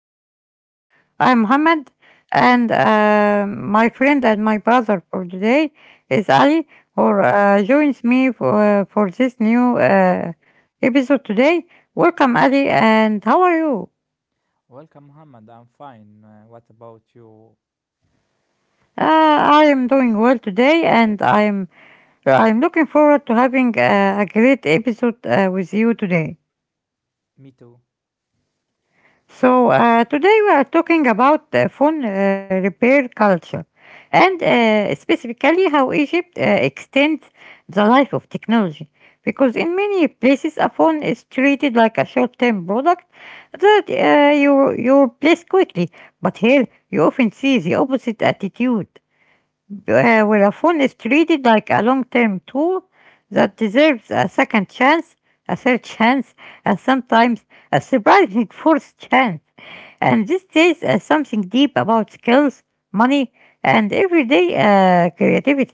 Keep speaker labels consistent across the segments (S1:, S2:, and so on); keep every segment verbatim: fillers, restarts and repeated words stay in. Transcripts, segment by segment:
S1: new episode. I'm Mohammed, and uh, my friend and my brother for today is Ali, who uh, joins me for, uh, for this new uh, episode today. Welcome, Ali, and how are you?
S2: Welcome about you.
S1: Uh, I am doing well today, and I'm I'm looking forward to having uh, a great episode uh, with you today.
S2: Me too.
S1: So, uh, today we are talking about uh, phone uh, repair culture and uh, specifically how Egypt uh, extends the life of technology. Because in many places, a phone is treated like a short term product that uh, you, you replace quickly. But here, you often see the opposite attitude, uh, where a phone is treated like a long term tool that deserves a second chance, a third chance, and sometimes a surprising fourth chance. And this says uh, something deep about skills, money, and everyday uh, creativity.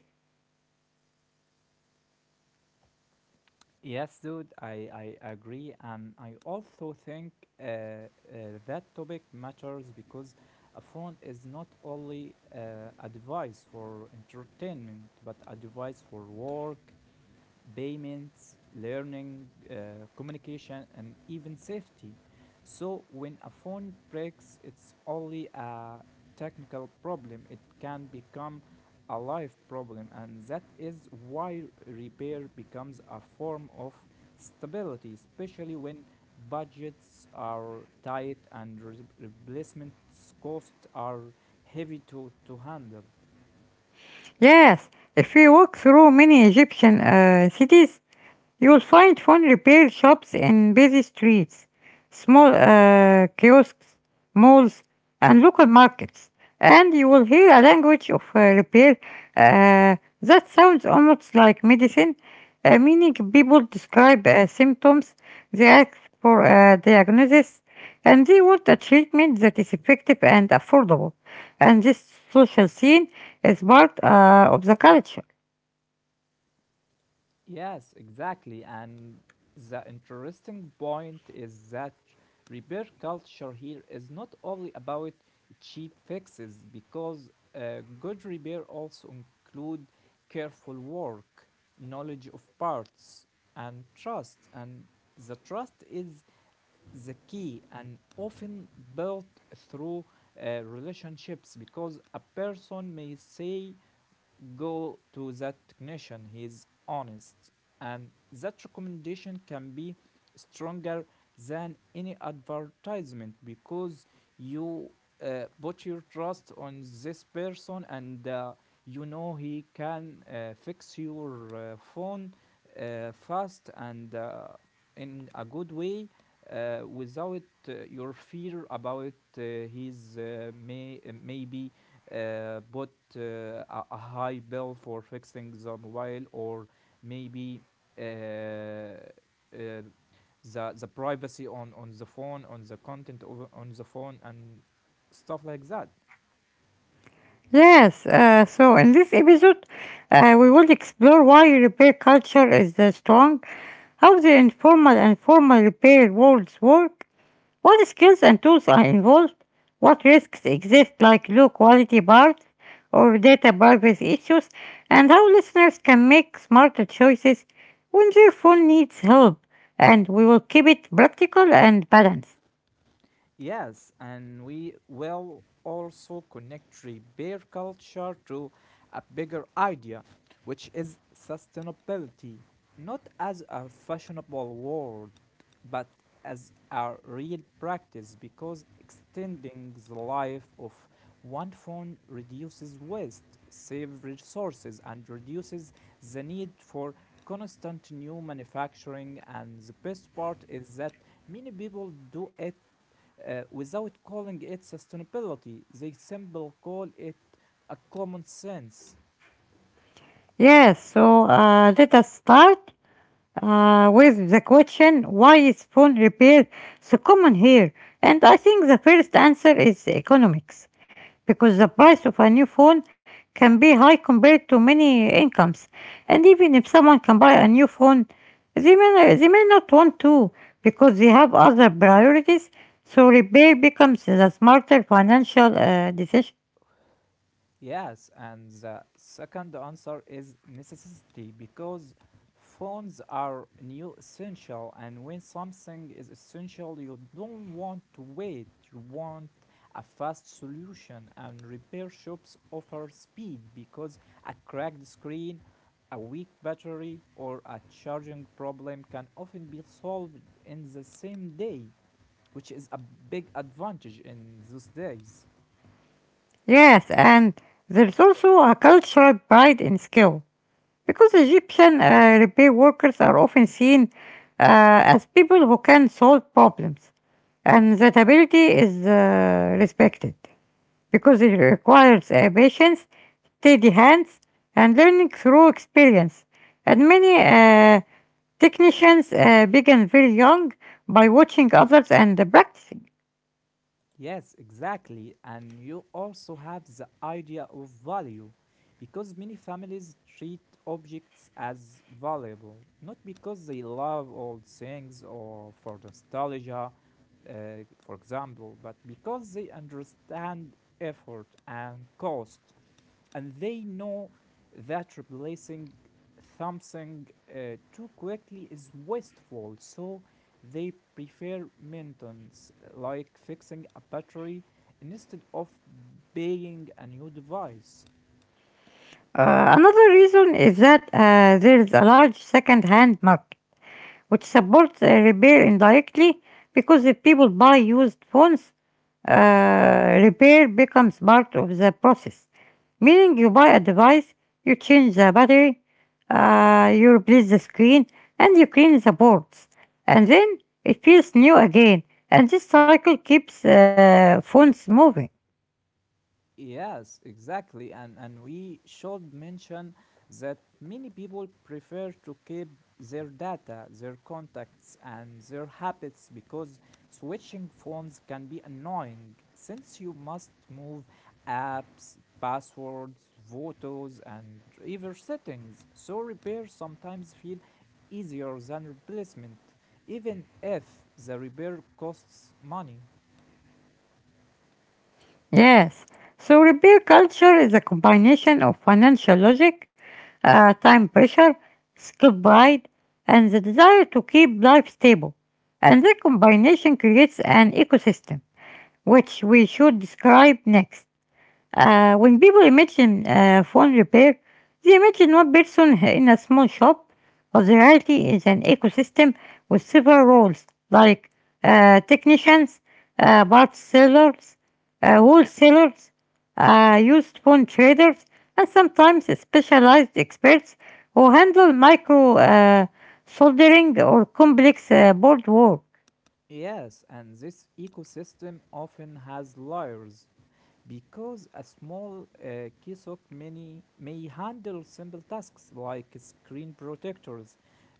S2: Yes, dude, I, I agree. And I also think uh, uh, that topic matters because a phone is not only uh, a device for entertainment, but a device for work, payments, learning, uh, communication, and even safety. So, when a phone breaks, it's only a technical problem, it can become a life problem, and that is why repair becomes a form of stability, especially when budgets are tight and re- replacement costs are heavy to, to handle.
S1: Yes, if we walk through many Egyptian uh, cities, you will find fun repair shops in busy streets, small uh, kiosks, malls, and local markets. And you will hear a language of uh, repair uh, that sounds almost like medicine, uh, meaning people describe uh, symptoms, they ask for a diagnosis, and they want a treatment that is effective and affordable. And this social scene is part uh, of the culture.
S2: Yes, exactly. And the interesting point is that repair culture here is not only about cheap fixes, because uh, good repair also include careful work, knowledge of parts, and trust. And the trust is the key and often built through uh, relationships because a person may say go to that technician. He is honest, and that recommendation can be stronger than any advertisement because you uh, put your trust on this person and uh, you know he can uh, fix your uh, phone uh, fast and uh, in a good way uh, without uh, your fear about uh, his uh, may uh, maybe uh, bought uh, a a high bill for fixing the mobile or maybe uh, uh, the the privacy on on the phone on the content of on the phone and stuff like that.
S1: Yes, uh, so in this episode, uh, we will explore why repair culture is uh, strong, how the informal and formal repair worlds work, what skills and tools are involved, what risks exist like low quality parts or data privacy issues, and how listeners can make smarter choices when their phone needs help. And we will keep it practical and balanced.
S2: Yes, and we will also connect repair culture to a bigger idea, which is sustainability, not as a fashionable word, but as a real practice because extending the life of one phone reduces waste, saves resources, and reduces the need for constant new manufacturing. And the best part is that many people do it uh, without calling it sustainability. They simply call it a common sense.
S1: Yes, so uh, let us start uh, with the question, why is phone repair so common here? And I think the first answer is economics, because the price of a new phone can be high compared to many incomes. And even if someone can buy a new phone, they may, they may not want to because they have other priorities, so repair becomes the smarter financial uh, decision.
S2: Yes, and the second answer is necessity because phones are new essential, and when something is essential, you don't want to wait, you want a fast solution. And repair shops offer speed because a cracked screen, a weak battery, or a charging problem can often be solved in the same day, which is a big advantage in those days.
S1: Yes, and there's also a cultural pride in skill, because Egyptian uh, repair workers are often seen uh, as people who can solve problems, and that ability is uh, respected because it requires uh, patience, steady hands, and learning through experience. And many uh, technicians uh, began very young by watching others and uh, practicing.
S2: Yes, exactly. And you also have the idea of value because many families treat objects as valuable, not because they love old things or for nostalgia, uh, for example, but because they understand effort and cost and they know that replacing something uh, too quickly is wasteful, so they prefer maintenance, like fixing a battery, instead of buying a new device.
S1: Uh, another reason is that uh, there is a large second-hand market, which supports uh, repair indirectly because the people buy used phones, uh, repair becomes part of the process, meaning you buy a device, you change the battery, uh, you replace the screen, and you clean the boards. And then it feels new again, and this cycle keeps uh, phones moving.
S2: Yes, exactly. And, and we should mention that many people prefer to keep their data, their contacts, and their habits because switching phones can be annoying since you must move apps, passwords, photos, and even settings. So, repair sometimes feel easier than replacement, even if the repair costs money.
S1: Yes, so repair culture is a combination of financial logic, uh, time pressure, skill pride, and the desire to keep life stable. And that combination creates an ecosystem, which we should describe next. Uh, when people imagine uh, phone repair, they imagine one person in a small shop, but the reality is an ecosystem with several roles like uh, technicians, uh, parts sellers, uh, wholesalers, uh, used phone traders, and sometimes specialized experts who handle micro uh, soldering or complex uh, board work.
S2: Yes, and this ecosystem often has layers because a small uh, Kisok mini may handle simple tasks like screen protectors,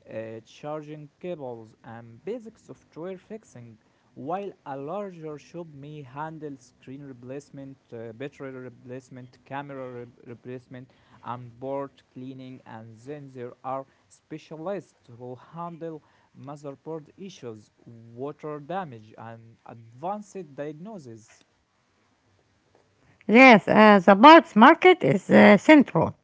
S2: uh, charging cables, and basic software fixing, while a larger shop may handle screen replacement, uh, battery replacement, camera re- replacement, and board cleaning. And then there are specialists who handle motherboard issues, water damage, and advanced diagnosis.
S1: Yes, uh, the parts market is uh, central,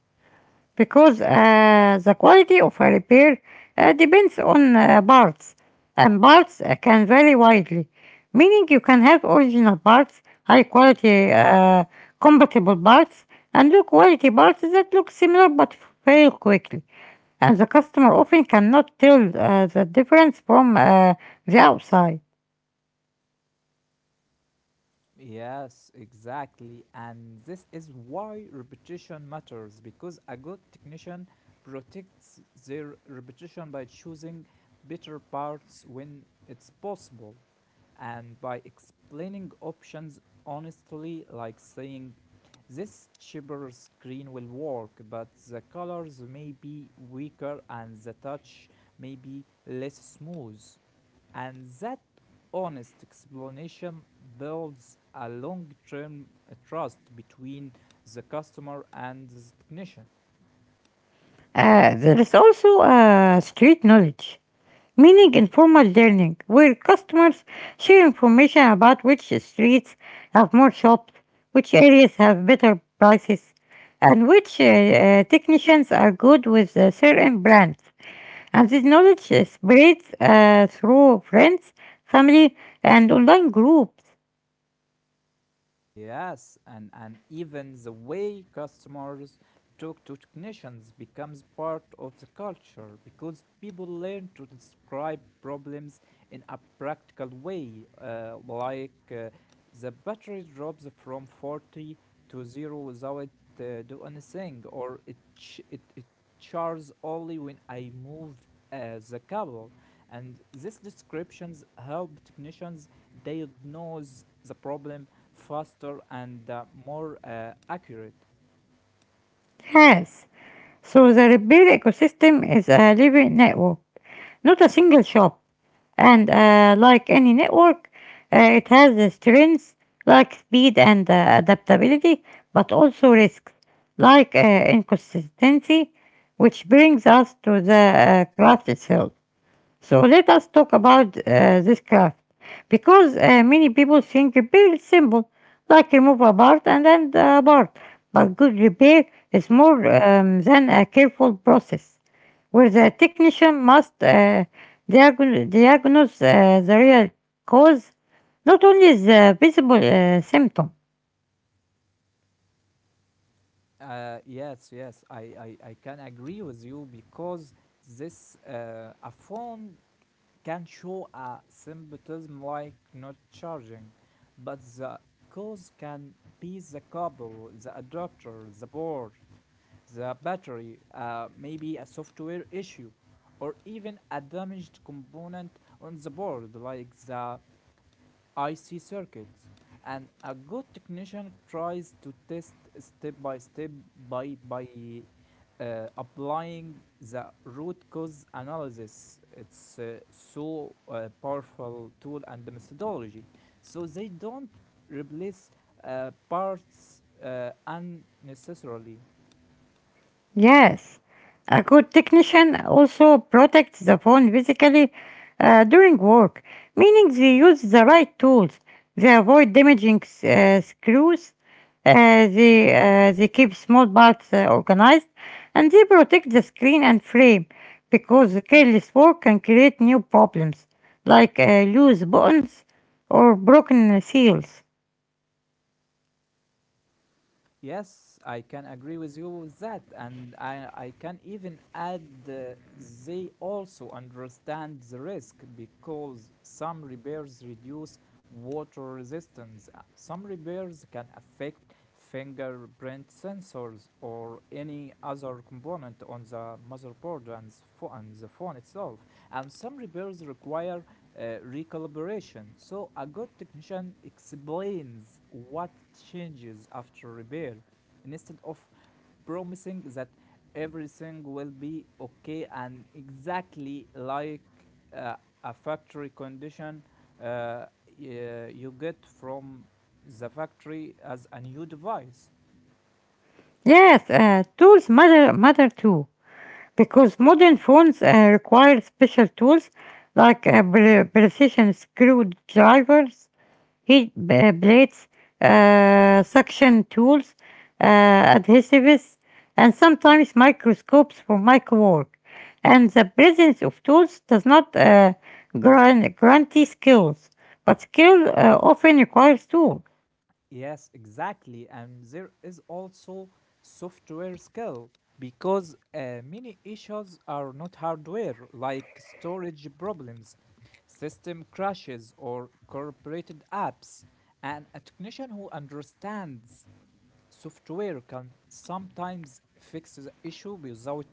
S1: because uh, the quality of a repair uh, depends on uh, parts, and parts uh, can vary widely, meaning you can have original parts, high quality uh, compatible parts, and low quality parts that look similar but fail quickly, and the customer often cannot tell uh, the difference from uh, the outside.
S2: Yes, exactly. And this is why repetition matters because a good technician protects their reputation by choosing better parts when it's possible, and by explaining options honestly, like saying this cheaper screen will work, but the colors may be weaker and the touch may be less smooth. And that honest explanation builds a long term trust between the customer and the technician.
S1: Uh, there is also uh, street knowledge, meaning informal learning, where customers share information about which streets have more shops, which areas have better prices, and which uh, uh, technicians are good with uh, certain brands. And this knowledge uh, spreads uh, through friends, family, and online groups.
S2: Yes, and, and even the way customers talk to technicians becomes part of the culture because people learn to describe problems in a practical way, uh, like uh, the battery drops from forty to zero without uh, do anything, or it, ch- it, it charges only when I move uh, the cable. And these descriptions help technicians diagnose the problem faster and uh, more uh, accurate.
S1: Yes, so the repair ecosystem is a living network, not a single shop. And uh, like any network, uh, it has the strengths like speed and uh, adaptability, but also risks like uh, inconsistency, which brings us to the uh, craft itself. So let us talk about uh, this craft, because uh, many people think repair is simple, like remove a part and then a part, but good repair is more um, than a careful process where the technician must uh, diagon- diagnose uh, the real cause, not only the visible uh, symptom.
S2: Uh, yes, yes, I, I, I can agree with you because this uh, a phone can show a symptom like not charging, but the cause can be the cable, the adapter, the board, the battery, uh, maybe a software issue, or even a damaged component on the board like the I C circuits, and a good technician tries to test step by step by by uh, applying the root cause analysis. It's uh, so uh, powerful tool and the methodology. So they don't replace uh, parts uh, unnecessarily.
S1: Yes, a good technician also protects the phone physically uh, during work, meaning they use the right tools. They avoid damaging s- uh, screws. Uh, they uh, they keep small parts uh, organized, and they protect the screen and frame because careless work can create new problems like uh, loose buttons or broken seals.
S2: Yes, I can agree with you with that, and I, I can even add uh, they also understand the risk because some repairs reduce water resistance. Uh, Some repairs can affect fingerprint sensors or any other component on the motherboard and, and the phone itself. And some repairs require uh, recalibration. So, a good technician explains what changes after repair instead of promising that everything will be okay and exactly like uh, a factory condition uh, y- you get from the factory as a new device.
S1: Yes, uh, tools matter matter too, because modern phones uh, require special tools like uh, pre- precision screwdrivers, heat b- plates, uh, suction tools, uh, adhesives, and sometimes microscopes for micro work. And the presence of tools does not uh, grant, guarantee skills, but skill uh, often requires tools.
S2: Yes, exactly. And there is also software skill because uh, many issues are not hardware, like storage problems, system crashes, or corrupted apps. And a technician who understands software can sometimes fix the issue without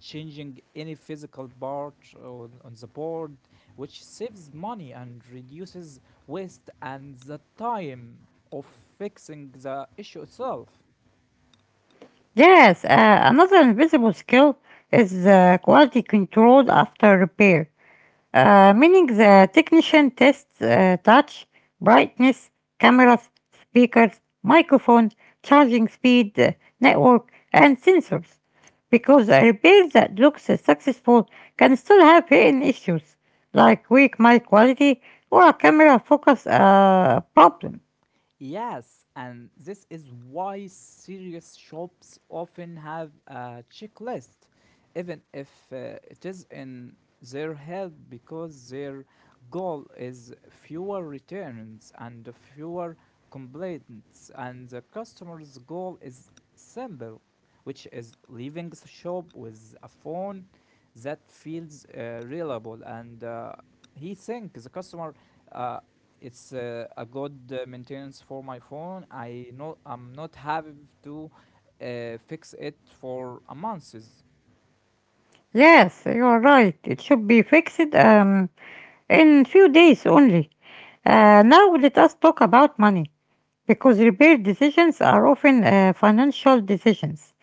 S2: changing any physical part on, on the board, which saves money and reduces waste and the time of fixing the issue itself.
S1: Yes, uh, another invisible skill is uh, quality control after repair, uh, meaning the technician tests uh, touch, brightness, cameras, speakers, microphone, charging speed, uh, network, and sensors. Because a repair that looks uh, successful can still have hidden issues, like weak mic quality or a camera focus uh, problem.
S2: Yes, and this is why serious shops often have a checklist, even if uh, it is in their head because their goal is fewer returns and fewer complaints, and the customer's goal is simple, which is leaving the shop with a phone that feels uh, reliable and uh, he thinks the customer uh, it's uh, a good uh, maintenance for my phone. I know I'm not having to uh, fix it for a month.
S1: Yes, you are right. It should be fixed um, in few days only. Uh, now let us talk about money, because repair decisions are often uh, financial decisions.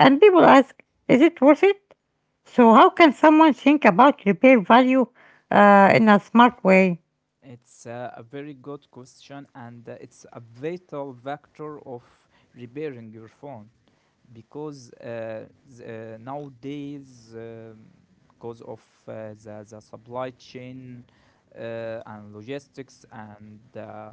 S1: And people ask, is it worth it? So, how can someone think about repair value uh, in a smart way?
S2: It's uh, a very good question and uh, it's a vital factor of repairing your phone because uh, th- uh, nowadays um, because of uh, the, the supply chain uh, and logistics and uh, uh,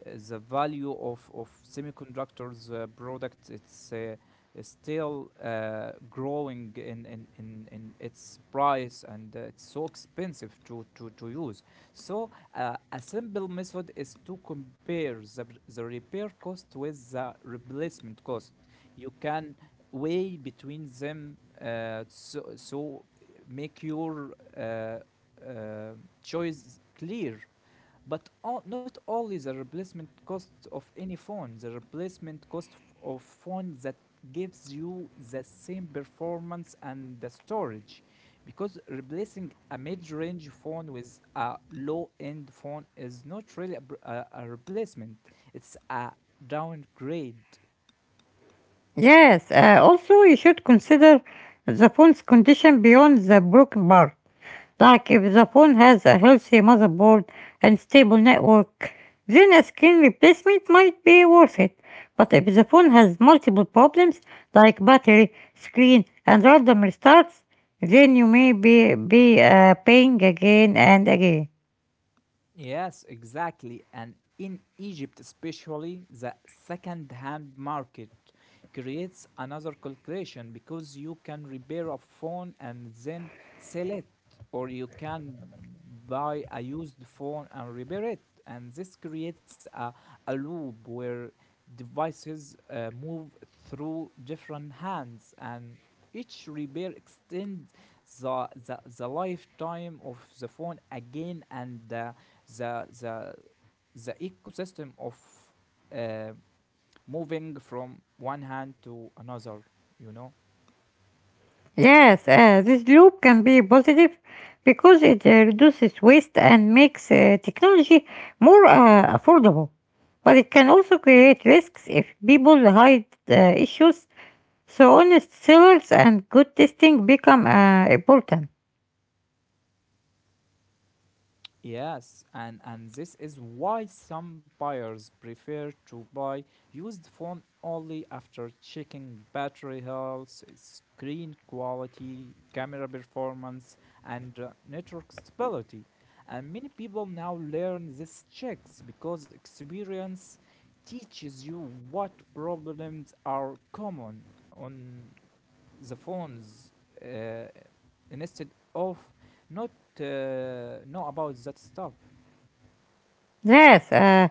S2: the value of, of semiconductors uh, product. It's uh, still uh, growing in, in, in, in its price and uh, it's so expensive to, to, to use. So uh, a simple method is to compare the, the repair cost with the replacement cost. You can way between them uh, so, so make your uh, uh, choice clear, but all, not only the replacement cost of any phone, the replacement cost f- of phone that gives you the same performance and the storage, because replacing a mid-range phone with a low-end phone is not really a, br- a, a replacement, it's a downgrade.
S1: Yes, uh, also, you should consider the phone's condition beyond the broken part. Like if the phone has a healthy motherboard and stable network, then a screen replacement might be worth it. But if the phone has multiple problems like battery, screen, and random restarts, then you may be, be uh, paying again and again.
S2: Yes, exactly. And in Egypt, especially, the second hand market creates another calculation because you can repair a phone and then sell it, or you can buy a used phone and repair it. And this creates a, a loop where devices uh, move through different hands and each repair extends the, the, the lifetime of the phone again and uh, the the the ecosystem of uh, moving from one hand to another, you know.
S1: Yes, uh, this loop can be positive because it uh, reduces waste and makes uh, technology more uh, affordable. But it can also create risks if people hide uh, issues. So honest sales and good testing become uh, important.
S2: Yes, and, and this is why some buyers prefer to buy used phone only after checking battery health, screen quality, camera performance, and uh, network stability. And many people now learn these checks because experience teaches you what problems are common on the phones uh, uh, instead of not uh, know about that stuff.
S1: Yes, uh,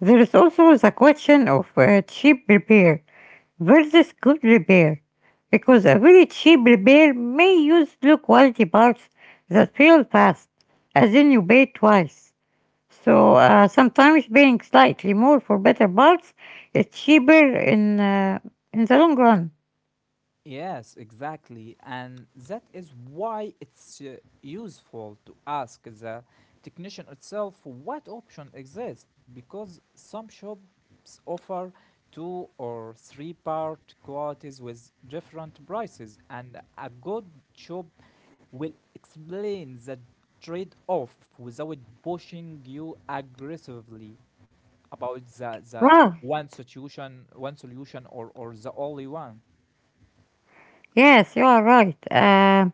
S1: there is also the question of uh, cheap repair versus good repair, because a very cheap repair may use low quality parts that fail fast, as in you pay twice. So uh, sometimes paying slightly more for better parts is cheaper in uh, in the long run.
S2: Yes, exactly. And that is why it's uh, useful to ask the technician itself what option exists because some shops offer two or three part qualities with different prices, and a good shop will explain the trade off without pushing you aggressively about the, the
S1: Wow.
S2: one solution, one solution or, or the only one.
S1: Yes, you are right. Uh,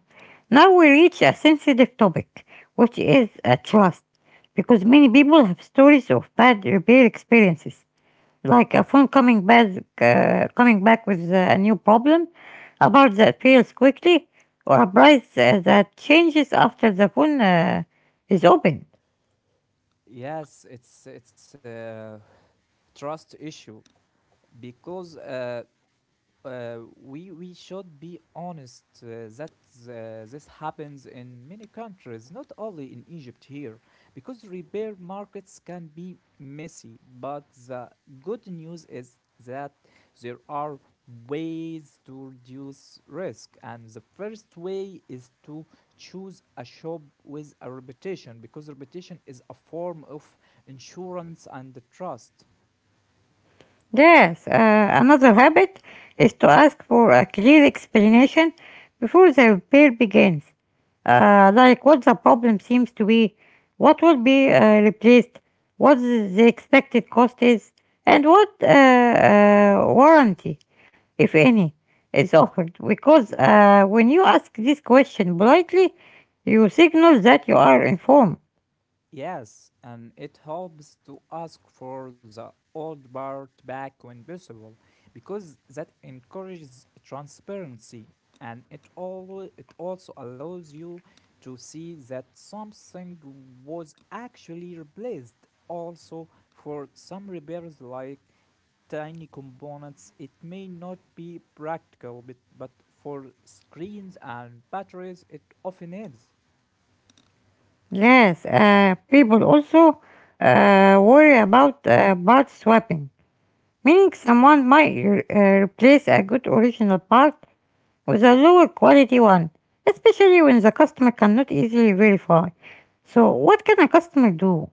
S1: Now we reach a sensitive topic, which is uh, trust, because many people have stories of bad repair experiences, like a phone coming back, uh, coming back with uh, a new problem, a part that fails quickly, or a price uh, that changes after the phone uh, is opened.
S2: Yes, it's it's a trust issue because uh, uh, we we should be honest uh, that uh, this happens in many countries, not only in Egypt here, because repair markets can be messy. But the good news is that there are ways to reduce risk, and the first way is to choose a shop with a reputation, because reputation is a form of insurance and trust.
S1: Yes, uh, another habit is to ask for a clear explanation before the repair begins. Uh, like what the problem seems to be, what will be uh, replaced, what the expected cost is, and what uh, uh, warranty, if any, is offered. Because uh, when you ask this question politely, you signal that you are informed.
S2: Yes, and it helps to ask for the old part back when possible because that encourages transparency and it all it also allows you to see that something was actually replaced. Also for some repairs like tiny components it may not be practical, but, but for screens and batteries it often is.
S1: Yes, uh, people also uh, worry about uh, part swapping, meaning someone might re- uh, replace a good original part with a lower quality one, especially when the customer cannot easily verify. So, what can a customer do?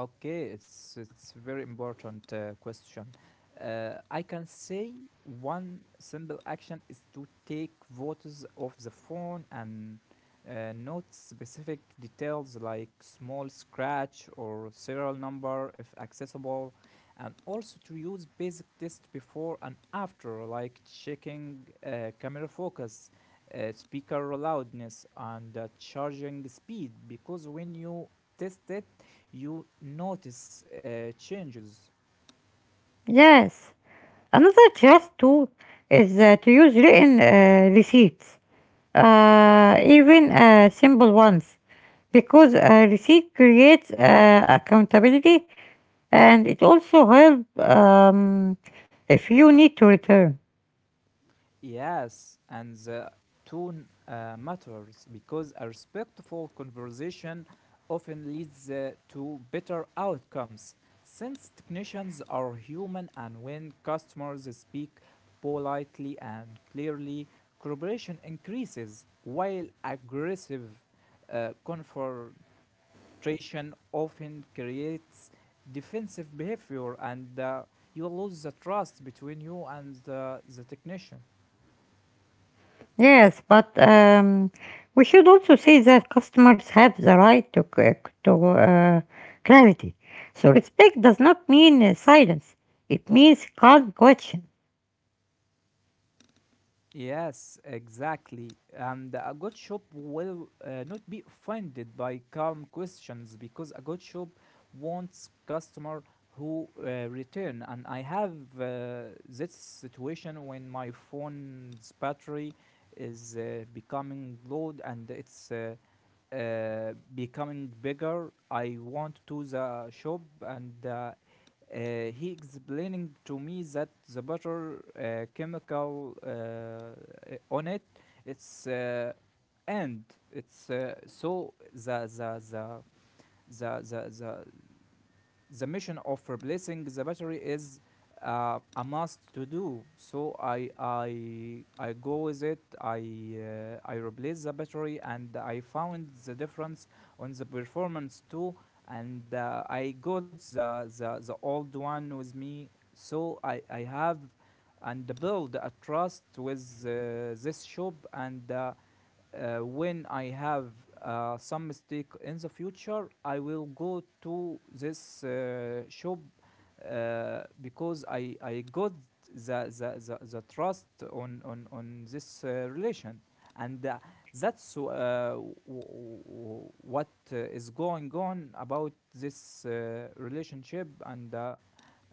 S2: Okay, it's it's very important uh, question. Uh, I can say one simple action is to take photos of the phone and uh, note specific details like small scratch or serial number if accessible, and also to use basic test before and after, like checking uh, camera focus, uh, speaker loudness, and uh, charging speed. Because when you test it you notice uh, changes.
S1: Yes, another trust tool is uh, to use written uh, receipts, uh, even uh, simple ones, because a receipt creates uh, accountability and it also helps um, if you need to return.
S2: Yes, and the tone uh, matters because a respectful conversation often leads uh, to better outcomes. Since technicians are human and when customers speak politely and clearly, cooperation increases while aggressive uh, confrontation frustration often creates defensive behavior and uh, you lose the trust between you and the, the technician.
S1: Yes, but um, we should also say that customers have the right to, c- to uh, clarity. So respect does not mean uh, silence, it means calm question.
S2: Yes, exactly. And a good shop will uh, not be offended by calm questions because a good shop wants customer who uh, return. And I have uh, this situation when my phone's battery is uh, becoming low and it's uh, uh, becoming bigger. I went to the shop, and uh, uh, he explaining to me that the butter uh, chemical uh, uh, on it it's uh, and it's uh, so the the the the the the the mission of replacing the battery is uh, a must to do. So I I I go with it. I uh, I replace the battery, and I found the difference on the performance too. And uh, I got the, the the old one with me. So I I have and build a trust with uh, this shop, and uh, uh, when I have uh, some mistake in the future, I will go to this uh, shop uh, because I, I got the, the, the, the trust on, on, on this uh, relation. And uh, that's uh, w- what uh, is going on about this uh, relationship. And uh,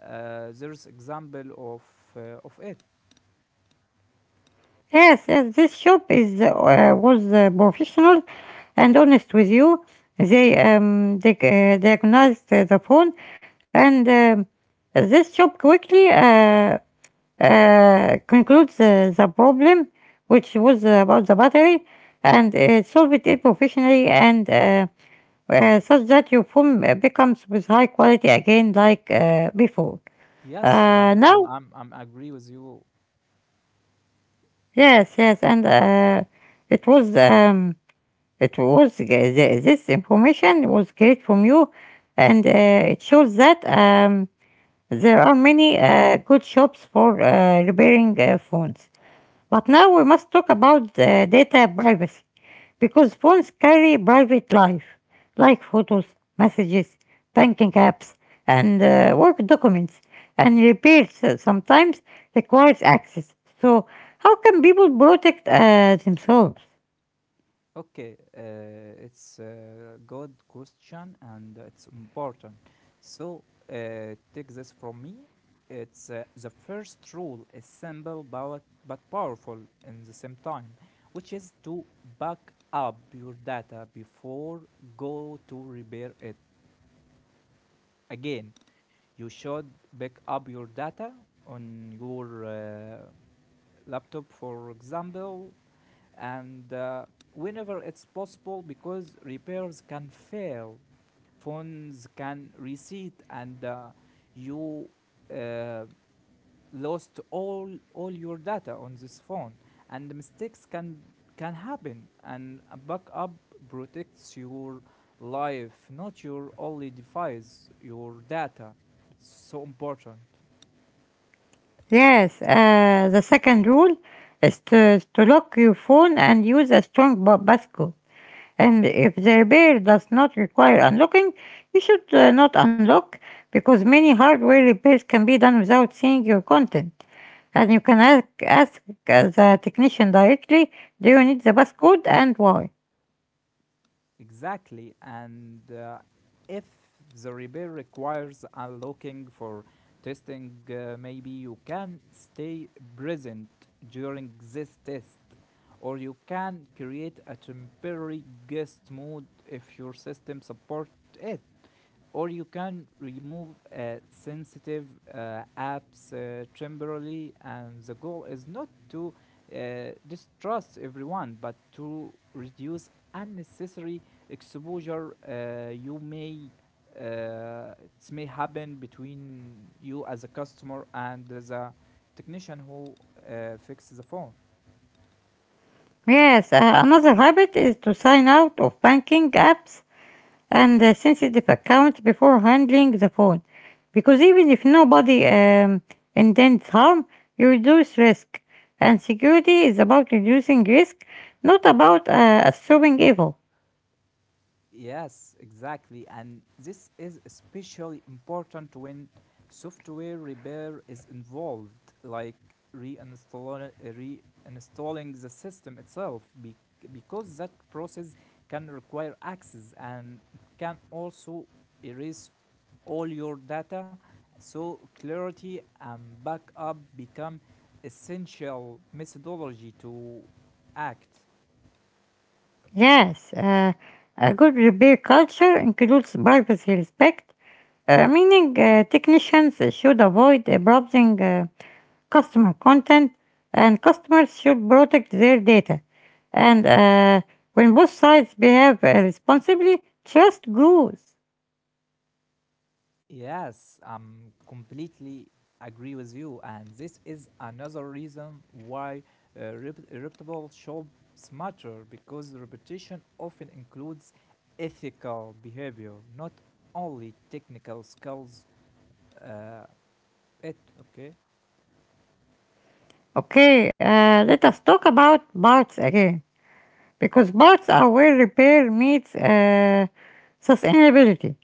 S2: uh, there's example of, uh, of it.
S1: Yes, yes, this shop is uh, was uh, professional and honest with you. They um, they uh, diagnosed uh, the phone, and um, this shop quickly uh, uh, concludes uh, the problem, which was about the battery, and uh, solved it professionally, and uh, uh, such that your phone uh, becomes with high quality again, like uh, before.
S2: Yes,
S1: Uh,
S2: um, I'm,
S1: now,
S2: I'm, I'm agree with you.
S1: yes, yes, and uh, it was. Um, It was uh, th- this information was great from you, and uh, it shows that um, there are many uh, good shops for uh, repairing uh, phones. But now we must talk about uh, data privacy because phones carry private life, like photos, messages, banking apps, and uh, work documents. And repairs uh, sometimes requires access. So how can people protect uh, themselves?
S2: Okay, uh, it's a good question and it's important. So, uh, take this from me. It's uh, the first rule is simple but, but powerful in the same time, which is to back up your data before go to repair it again. You should back up your data on your uh, laptop, for example, and uh, whenever it's possible, because repairs can fail, phones can reset, and uh, you uh, lost all all your data on this phone, and mistakes can can happen, and a backup protects your life, not your only device, your data. It's so important.
S1: Yes, uh, the second rule is to, to lock your phone and use a strong ba- passcode. And if the repair does not require unlocking, you should uh, not unlock because many hardware repairs can be done without seeing your content. And you can ask, ask uh, the technician directly, do you need the passcode and why?
S2: Exactly. And uh, if the repair requires unlocking for testing, uh, maybe you can stay present during this test, or you can create a temporary guest mode if your system support it, or you can remove uh, sensitive uh, apps uh, temporarily, and the goal is not to uh, distrust everyone but to reduce unnecessary exposure. Uh, you may uh, it may happen between you as a customer and the technician who uh, fixes the phone.
S1: Yes, uh, another habit is to sign out of banking apps and a sensitive account before handling the phone because even if nobody um, intends harm, you reduce risk. And security is about reducing risk, not about uh, assuming evil.
S2: Yes, exactly. And this is especially important when software repair is involved, like reinstall, reinstalling the system itself, be- because that process can require access, and it can also erase all your data. So, clarity and backup become essential methodology to act.
S1: Yes, uh, a good repair culture includes privacy respect, uh, meaning uh, technicians should avoid abusing uh, customer content and customers should protect their data. And uh, when both sides behave uh, responsibly, trust grows.
S2: Yes, I'm completely agree with you, and this is another reason why uh, rep- reputable shops matter, because reputation often includes ethical behavior, not only technical skills. Uh, it okay.
S1: Okay, uh, let us talk about bots again because bots are where repair meets uh, sustainability.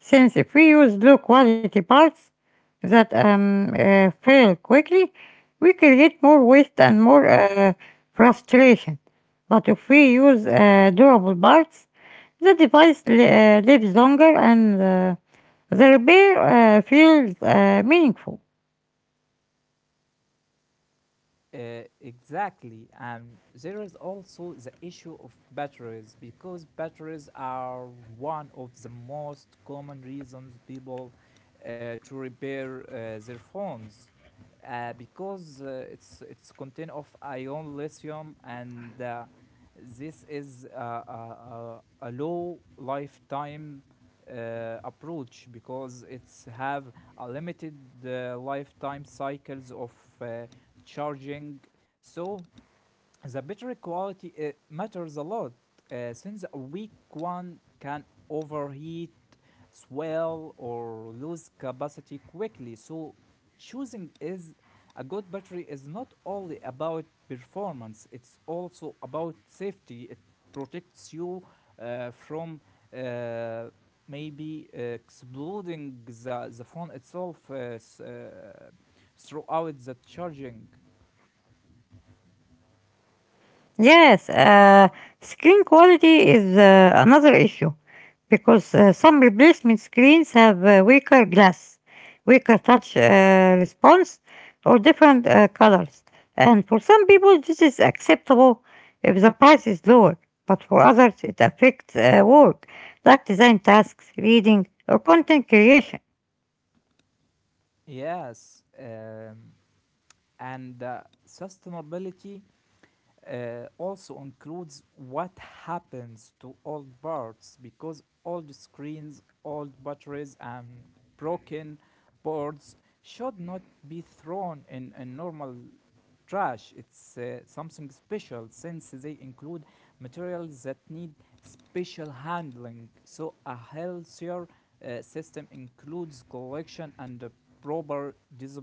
S1: Since if we use low quality parts that um, uh, fail quickly, we create more waste and more uh, frustration. But if we use uh, durable parts, the device li- uh, lives longer and uh, the repair uh, feels uh, meaningful.
S2: Uh, exactly, and there is also the issue of batteries, because batteries are one of the most common reasons people uh, to repair uh, their phones uh, because uh, it's it's content of ion lithium, and uh, this is uh, a, a, a low lifetime uh, approach because it's have a limited uh, lifetime cycles of uh, charging. So the battery quality uh, matters a lot, uh, since a weak one can overheat, swell, or lose capacity quickly. So, choosing is a good battery is not only about performance, it's also about safety. It protects you uh, from uh, maybe uh, exploding the, the phone itself uh, s- uh, throughout the charging.
S1: Yes, uh, screen quality is uh, another issue because uh, some replacement screens have uh, weaker glass, weaker touch uh, response, or different uh, colors. And for some people, this is acceptable if the price is lower, but for others, it affects uh, work like design tasks, reading, or content creation.
S2: Yes. Um, and uh, sustainability uh, also includes what happens to old parts, because old screens, old batteries, and broken boards should not be thrown in, in normal trash. It's uh, something special, since they include materials that need special handling. So, a healthier uh, system includes collection and proper dis-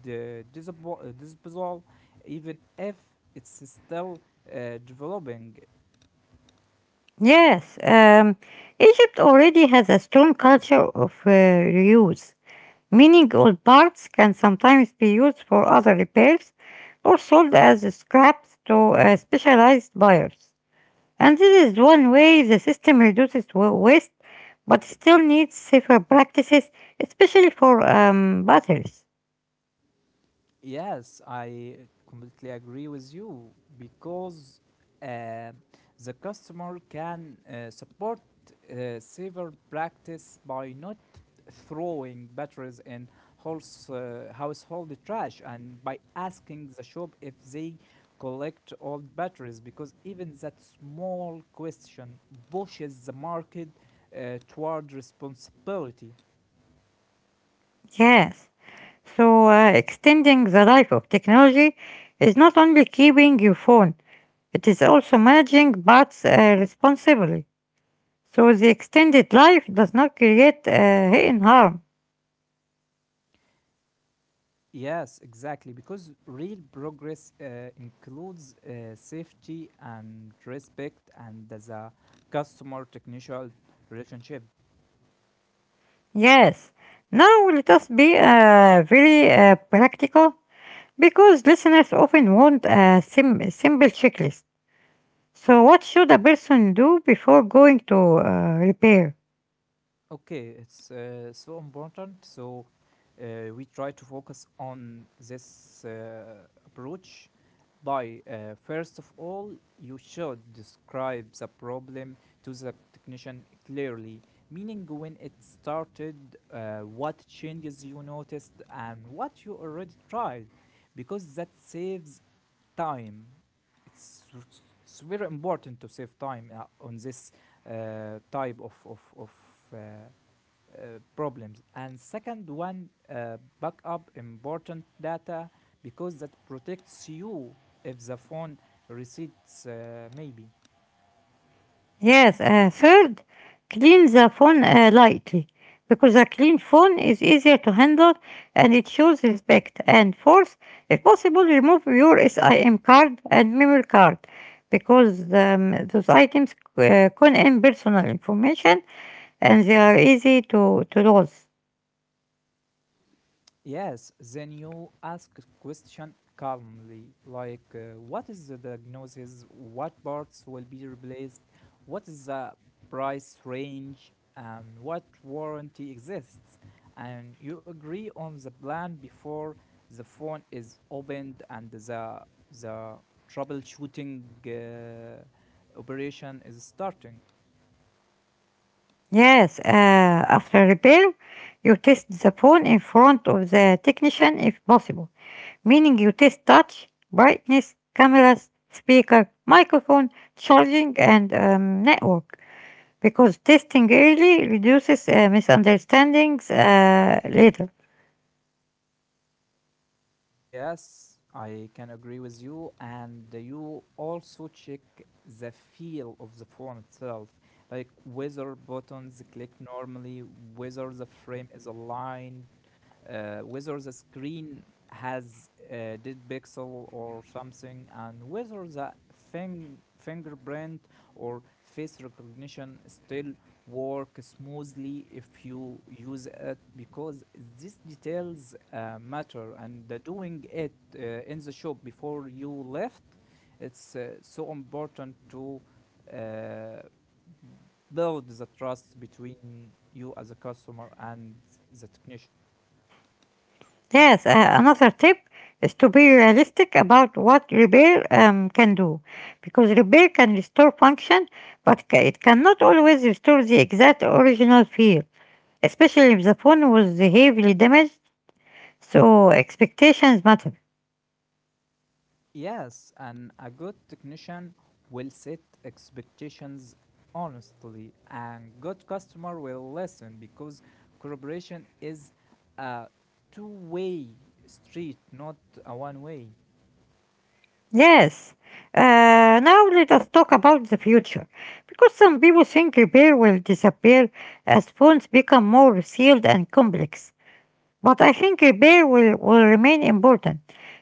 S2: the uh, disposal, even if it's still uh, developing.
S1: Yes, um, Egypt already has a strong culture of uh, reuse, meaning old parts can sometimes be used for other repairs or sold as scraps to uh, specialized buyers. And this is one way the system reduces wa- waste but still needs safer practices, especially for um, batteries.
S2: Yes, I completely agree with you, because uh, the customer can uh, support uh, saver practice by not throwing batteries in house, uh, household trash, and by asking the shop if they collect old batteries, because even that small question pushes the market uh, toward responsibility.
S1: Yes. So, uh, extending the life of technology is not only keeping your phone, it is also managing bots uh, responsibly, so the extended life does not create uh, hidden harm.
S2: Yes, exactly. Because real progress uh, includes uh, safety and respect and the customer technician relationship.
S1: Yes, now let us be uh, very uh, practical because listeners often want a sim- simple checklist. So, what should a person do before going to uh, repair?
S2: Okay, it's uh, so important. So, uh, we try to focus on this uh, approach by, uh, first of all, you should describe the problem to the technician clearly, meaning when it started, uh, what changes you noticed, and what you already tried, because that saves time. It's, it's very important to save time uh, on this uh, type of of of uh, uh, problems. And second one, uh, back up important data, because that protects you if the phone receipts, uh, maybe.
S1: Yes, uh, third, clean the phone uh, lightly because a clean phone is easier to handle and it shows respect. And fourth, if possible, remove your SIM card and memory card because um, those items uh, contain personal information and they are easy to, to lose.
S2: Yes, then you ask a question calmly, like uh, what is the diagnosis, what parts will be replaced, what is the price range, and what warranty exists. And you agree on the plan before the phone is opened and the the troubleshooting uh, operation is starting.
S1: Yes, uh, after repair, you test the phone in front of the technician if possible, meaning you test touch, brightness, cameras, speaker, microphone, charging, and um, network, because testing early reduces uh, misunderstandings uh, later.
S2: Yes, I can agree with you. And you also check the feel of the phone itself, like whether buttons click normally, whether the frame is aligned, uh, whether the screen has a dead pixel or something, and whether the fing- fingerprint or face recognition still work smoothly if you use it, because these details uh, matter, and uh, doing it uh, in the shop before you left, it's uh, so important to uh, build the trust between you as a customer and the technician.
S1: Yes, uh, another tip is to be realistic about what repair um, can do, because repair can restore function, but ca- it cannot always restore the exact original feel, especially if the phone was heavily damaged, so expectations matter.
S2: Yes, and a good technician will set expectations honestly, and good customer will listen, because collaboration is a two-way street, not a one-way.
S1: Yes, uh, now let us talk about the future, because some people think repair will disappear as phones become more sealed and complex. But I think repair will, will remain important,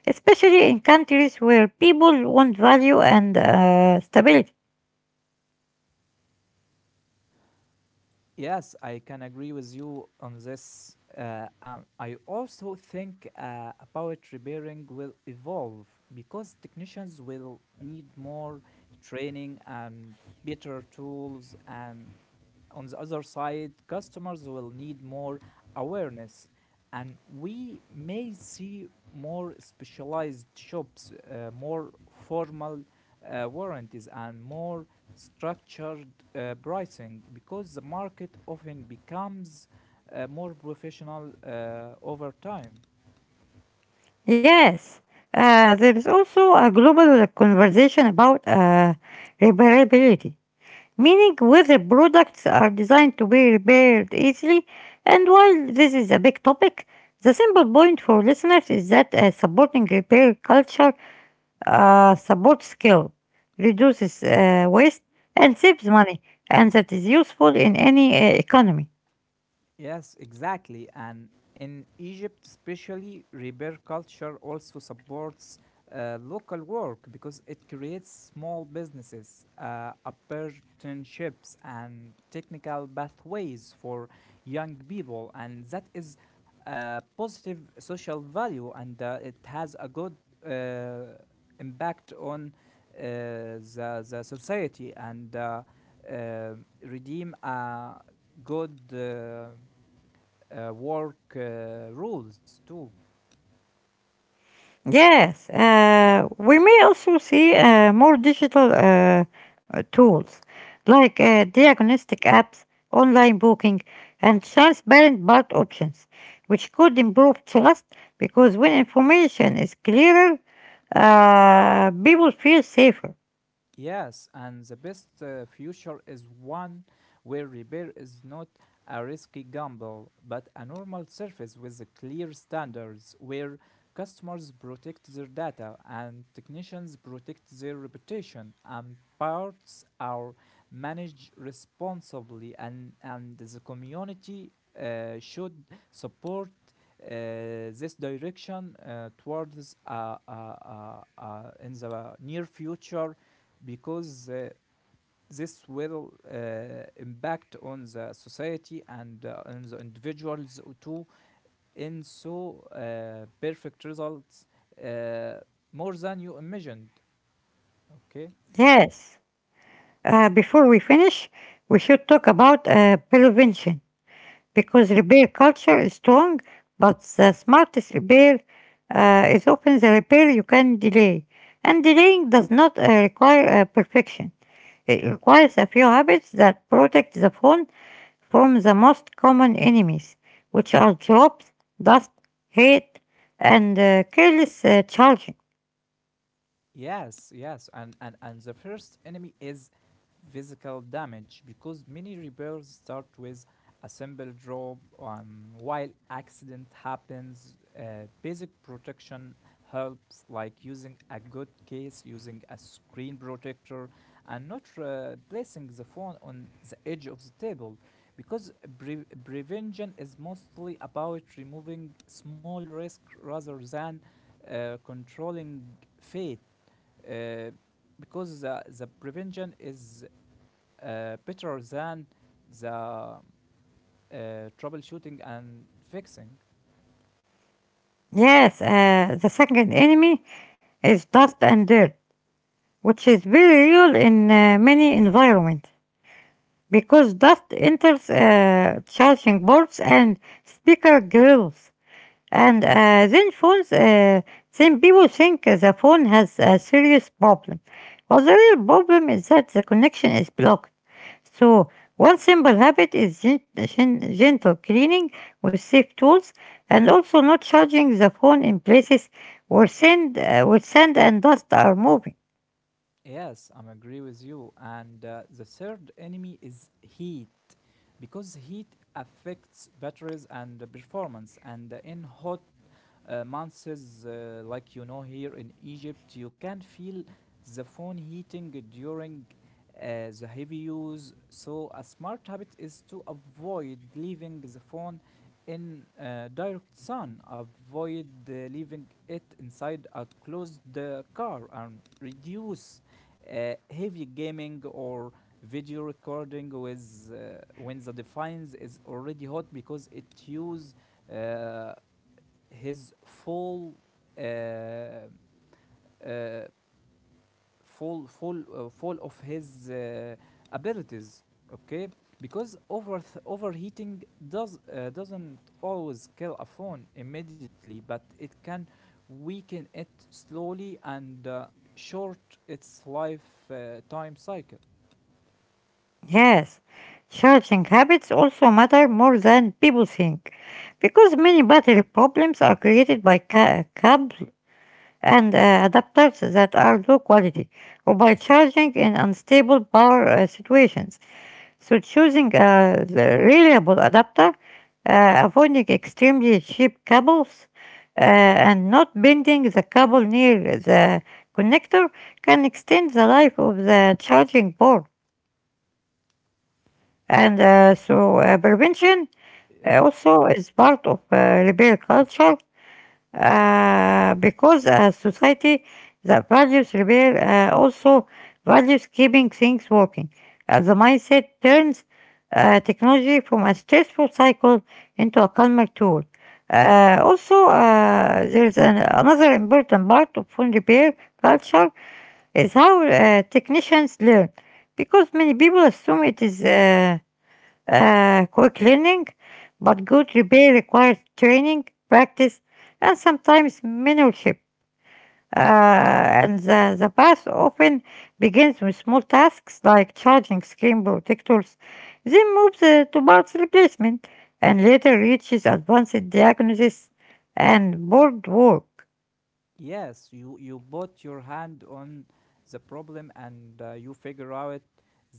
S1: especially in countries where people want value and uh, stability.
S2: Yes, I can agree with you on this. Uh, and I also think uh, about repairing will evolve, because technicians will need more training and better tools. And on the other side, customers will need more awareness. And we may see more specialized shops, uh, more formal uh, warranties, and more structured uh, pricing, because the market often becomes uh, more professional uh, over time.
S1: Yes, uh, there is also a global conversation about uh, repairability, meaning whether products are designed to be repaired easily. And while this is a big topic, the simple point for listeners is that uh, supporting repair culture uh, supports skill, reduces uh, waste, and saves money, and that is useful in any uh, economy.
S2: Yes, exactly. And in Egypt, especially, repair culture also supports uh, local work, because it creates small businesses, uh, apprenticeships, and technical pathways for young people. And that is a positive social value, and uh, it has a good uh, impact on uh, the, the society, and uh, uh, redeem a good. Uh, uh, work uh, rules too.
S1: Yes, uh, we may also see uh, more digital uh, uh, tools like uh, diagnostic apps, online booking, and transparent BART options, which could improve trust because when information is clearer, uh, people feel safer.
S2: Yes, and the best uh, future is one where repair is not a risky gamble, but a normal service with the clear standards where customers protect their data and technicians protect their reputation and parts are managed responsibly, and, and the community uh, should support uh, this direction uh, towards, uh, uh, uh, uh, in the near future, because uh, this will uh, impact on the society and uh, on the individuals too, and so uh, perfect results uh, more than you imagined. Okay.
S1: Yes, uh, before we finish, we should talk about uh, prevention because repair culture is strong, but the smartest repair uh, is often the repair you can delay. And delaying does not uh, require uh, perfection. It requires a few habits that protect the phone from the most common enemies, which are drops, dust, heat, and uh, careless uh, charging.
S2: Yes, yes, and, and and the first enemy is physical damage, because many repairs start with a simple drop. Um, while accident happens, uh, basic protection helps, like using a good case, using a screen protector, and not uh, placing the phone on the edge of the table, because pre- prevention is mostly about removing small risk rather than uh, controlling fate, uh, because the, the prevention is uh, better than the uh, troubleshooting and fixing.
S1: Yes, uh, the second enemy is dust and dirt, which is very real in uh, many environments, because dust enters uh, charging boards and speaker grills, and uh, then phones. Uh, then people think the phone has a serious problem, but the real problem is that the connection is blocked. So one simple habit is gen- gen- gentle cleaning with safe tools, and also not charging the phone in places where sand, uh, where sand and dust are moving.
S2: Yes, I'm agree with you. And uh, the third enemy is heat, because heat affects batteries and the performance. And in hot uh, months, uh, like, you know, here in Egypt, you can feel the phone heating during uh, the heavy use. So, a smart habit is to avoid leaving the phone in uh, direct sun, avoid uh, leaving it inside a closed uh, car, and reduce uh, heavy gaming or video recording with, uh, when the device is already hot, because it use uh, his fall, uh, uh, fall fall uh, fall of his uh, abilities. Okay, because over overheating does uh, doesn't always kill a phone immediately, but it can weaken it slowly and uh, short its life uh, time cycle.
S1: Yes, charging habits also matter more than people think, because many battery problems are created by ca- cable and uh, adapters that are low quality, or by charging in unstable power uh, situations. So choosing a the reliable adapter, uh, avoiding extremely cheap cables, uh, and not bending the cable near the connector can extend the life of the charging board. And uh, so uh, prevention
S2: Uh,
S1: uh, also is part of uh, repair culture uh, because a society that values repair uh, also values keeping things working. Uh, the mindset turns uh, technology from a stressful cycle into a calmer tool. Uh, also, uh, there's an, another important part of phone repair culture: is how uh, technicians learn, because many people assume it is Uh, uh, quick learning, but good repair requires training, practice, and sometimes mentorship. Uh, and the, the path often begins with small tasks like charging screen protectors, then moves uh, to parts replacement, and later reaches advanced diagnosis and board work.
S2: Yes, you you put your hand on the problem, and uh, you figure out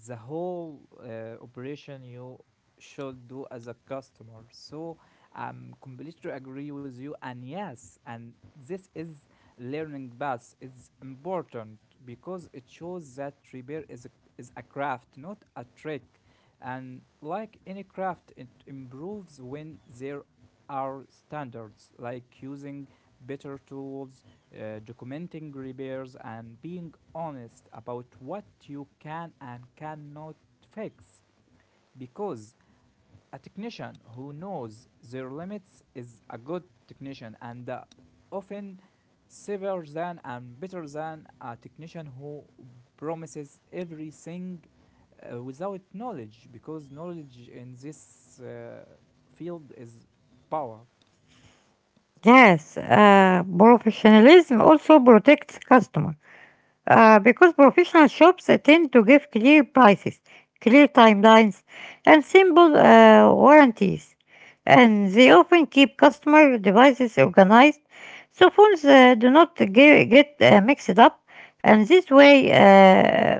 S2: the whole uh, operation you should do as a customer. So I'm completely agree with you. And yes, and this is learning path is important, because it shows that repair is a, is a craft, not a trick. And like any craft, it improves when there are standards, like using better tools, uh, documenting repairs, and being honest about what you can and cannot fix, because a technician who knows their limits is a good technician, and uh, often safer than and better than a technician who promises everything uh, without knowledge, because knowledge in this uh, field is power.
S1: Yes, uh, professionalism also protects customers, uh, because professional shops tend to give clear prices, clear timelines, and simple uh, warranties. And they often keep customer devices organized so phones uh, do not ge- get uh, mixed up. And this way uh,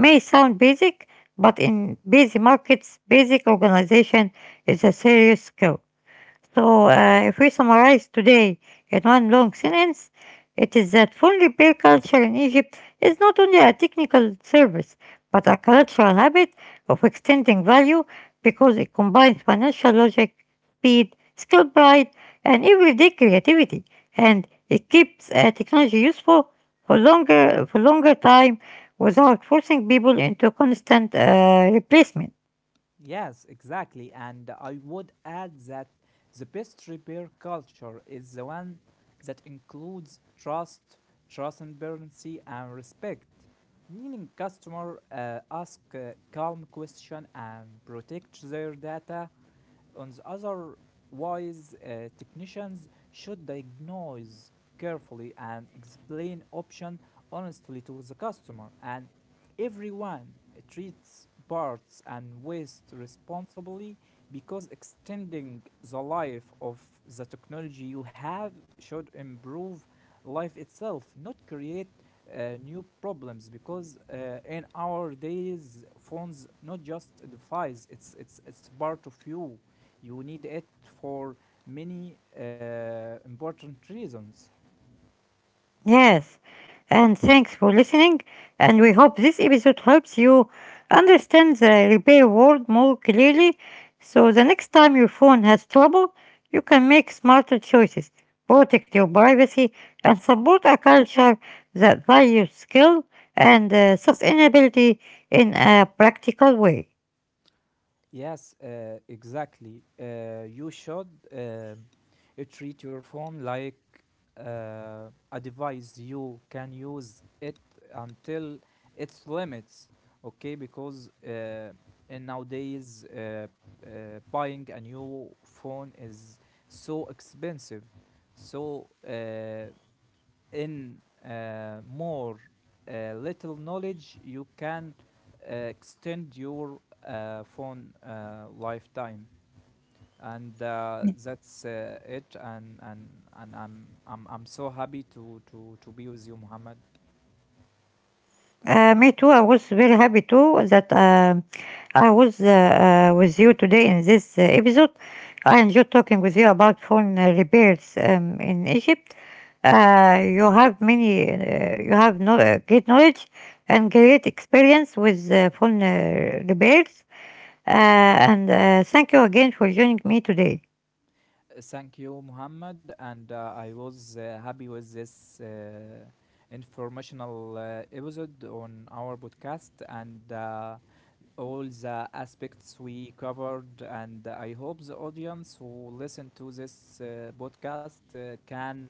S1: may sound basic, but in busy markets, basic organization is a serious skill. So, uh, if we summarize today in one long sentence, it is that phone repair culture in Egypt is not only a technical service, but a cultural habit of extending value, because it combines financial logic, speed, skill pride, and everyday creativity, and it keeps uh, technology useful for longer for longer time without forcing people into constant uh, replacement.
S2: Yes, exactly. And I would add that the best repair culture is the one that includes trust, transparency, and respect. Meaning, customer uh, ask uh, calm question and protect their data. On the other wise, uh, technicians should diagnose carefully and explain option honestly to the customer, and everyone treats parts and waste responsibly, because extending the life of the technology you have should improve life itself, not create uh, new problems, because uh, in our days phones not just a device, it's it's it's part of you you need it for many uh, important reasons.
S1: Yes, and thanks for listening. And we hope this episode helps you understand the repair world more clearly so the next time your phone has trouble, you can make smarter choices, protect your privacy, and support a culture that values skill and uh, sustainability in a practical way.
S2: Yes, uh, exactly. Uh, you should uh, treat your phone like uh, a device you can use it until its limits. Okay, because uh, in nowadays uh, uh, buying a new phone is so expensive. So, uh, in uh, more uh, little knowledge, you can uh, extend your uh, phone uh, lifetime. And uh, that's uh, it. And, and, and I'm, I'm, I'm so happy to, to, to be with you, Muhammad.
S1: Uh, me too. I was very happy too that um I was uh, uh, with you today in this uh, episode. I enjoyed talking with you about phone uh, repairs um, in Egypt. Uh, you have many, uh, you have no, uh, great knowledge and great experience with uh, phone uh, repairs. Uh, and uh, thank you again for joining me today.
S2: Uh, Thank you, Muhammad. And uh, I was uh, happy with this uh, informational uh, episode on our podcast. And uh, all the aspects we covered, and I hope the audience who listen to this uh, podcast uh, can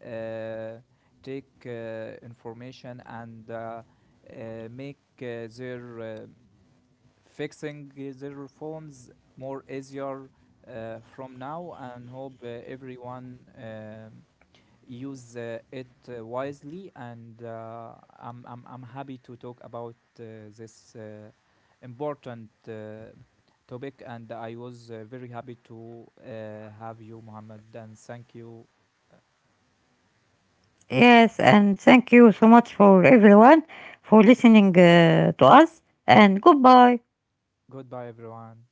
S2: uh, take uh, information and uh, uh, make uh, their uh, fixing their phones more easier uh, from now, and hope uh, everyone. Um, use uh, it uh, wisely, and uh, I'm, I'm, I'm happy to talk about uh, this uh, important uh, topic, and I was uh, very happy to uh, have you, Mohammed. And thank you. Uh,
S1: Yes, and thank you so much for everyone for listening uh, to us. And goodbye.
S2: Goodbye, everyone.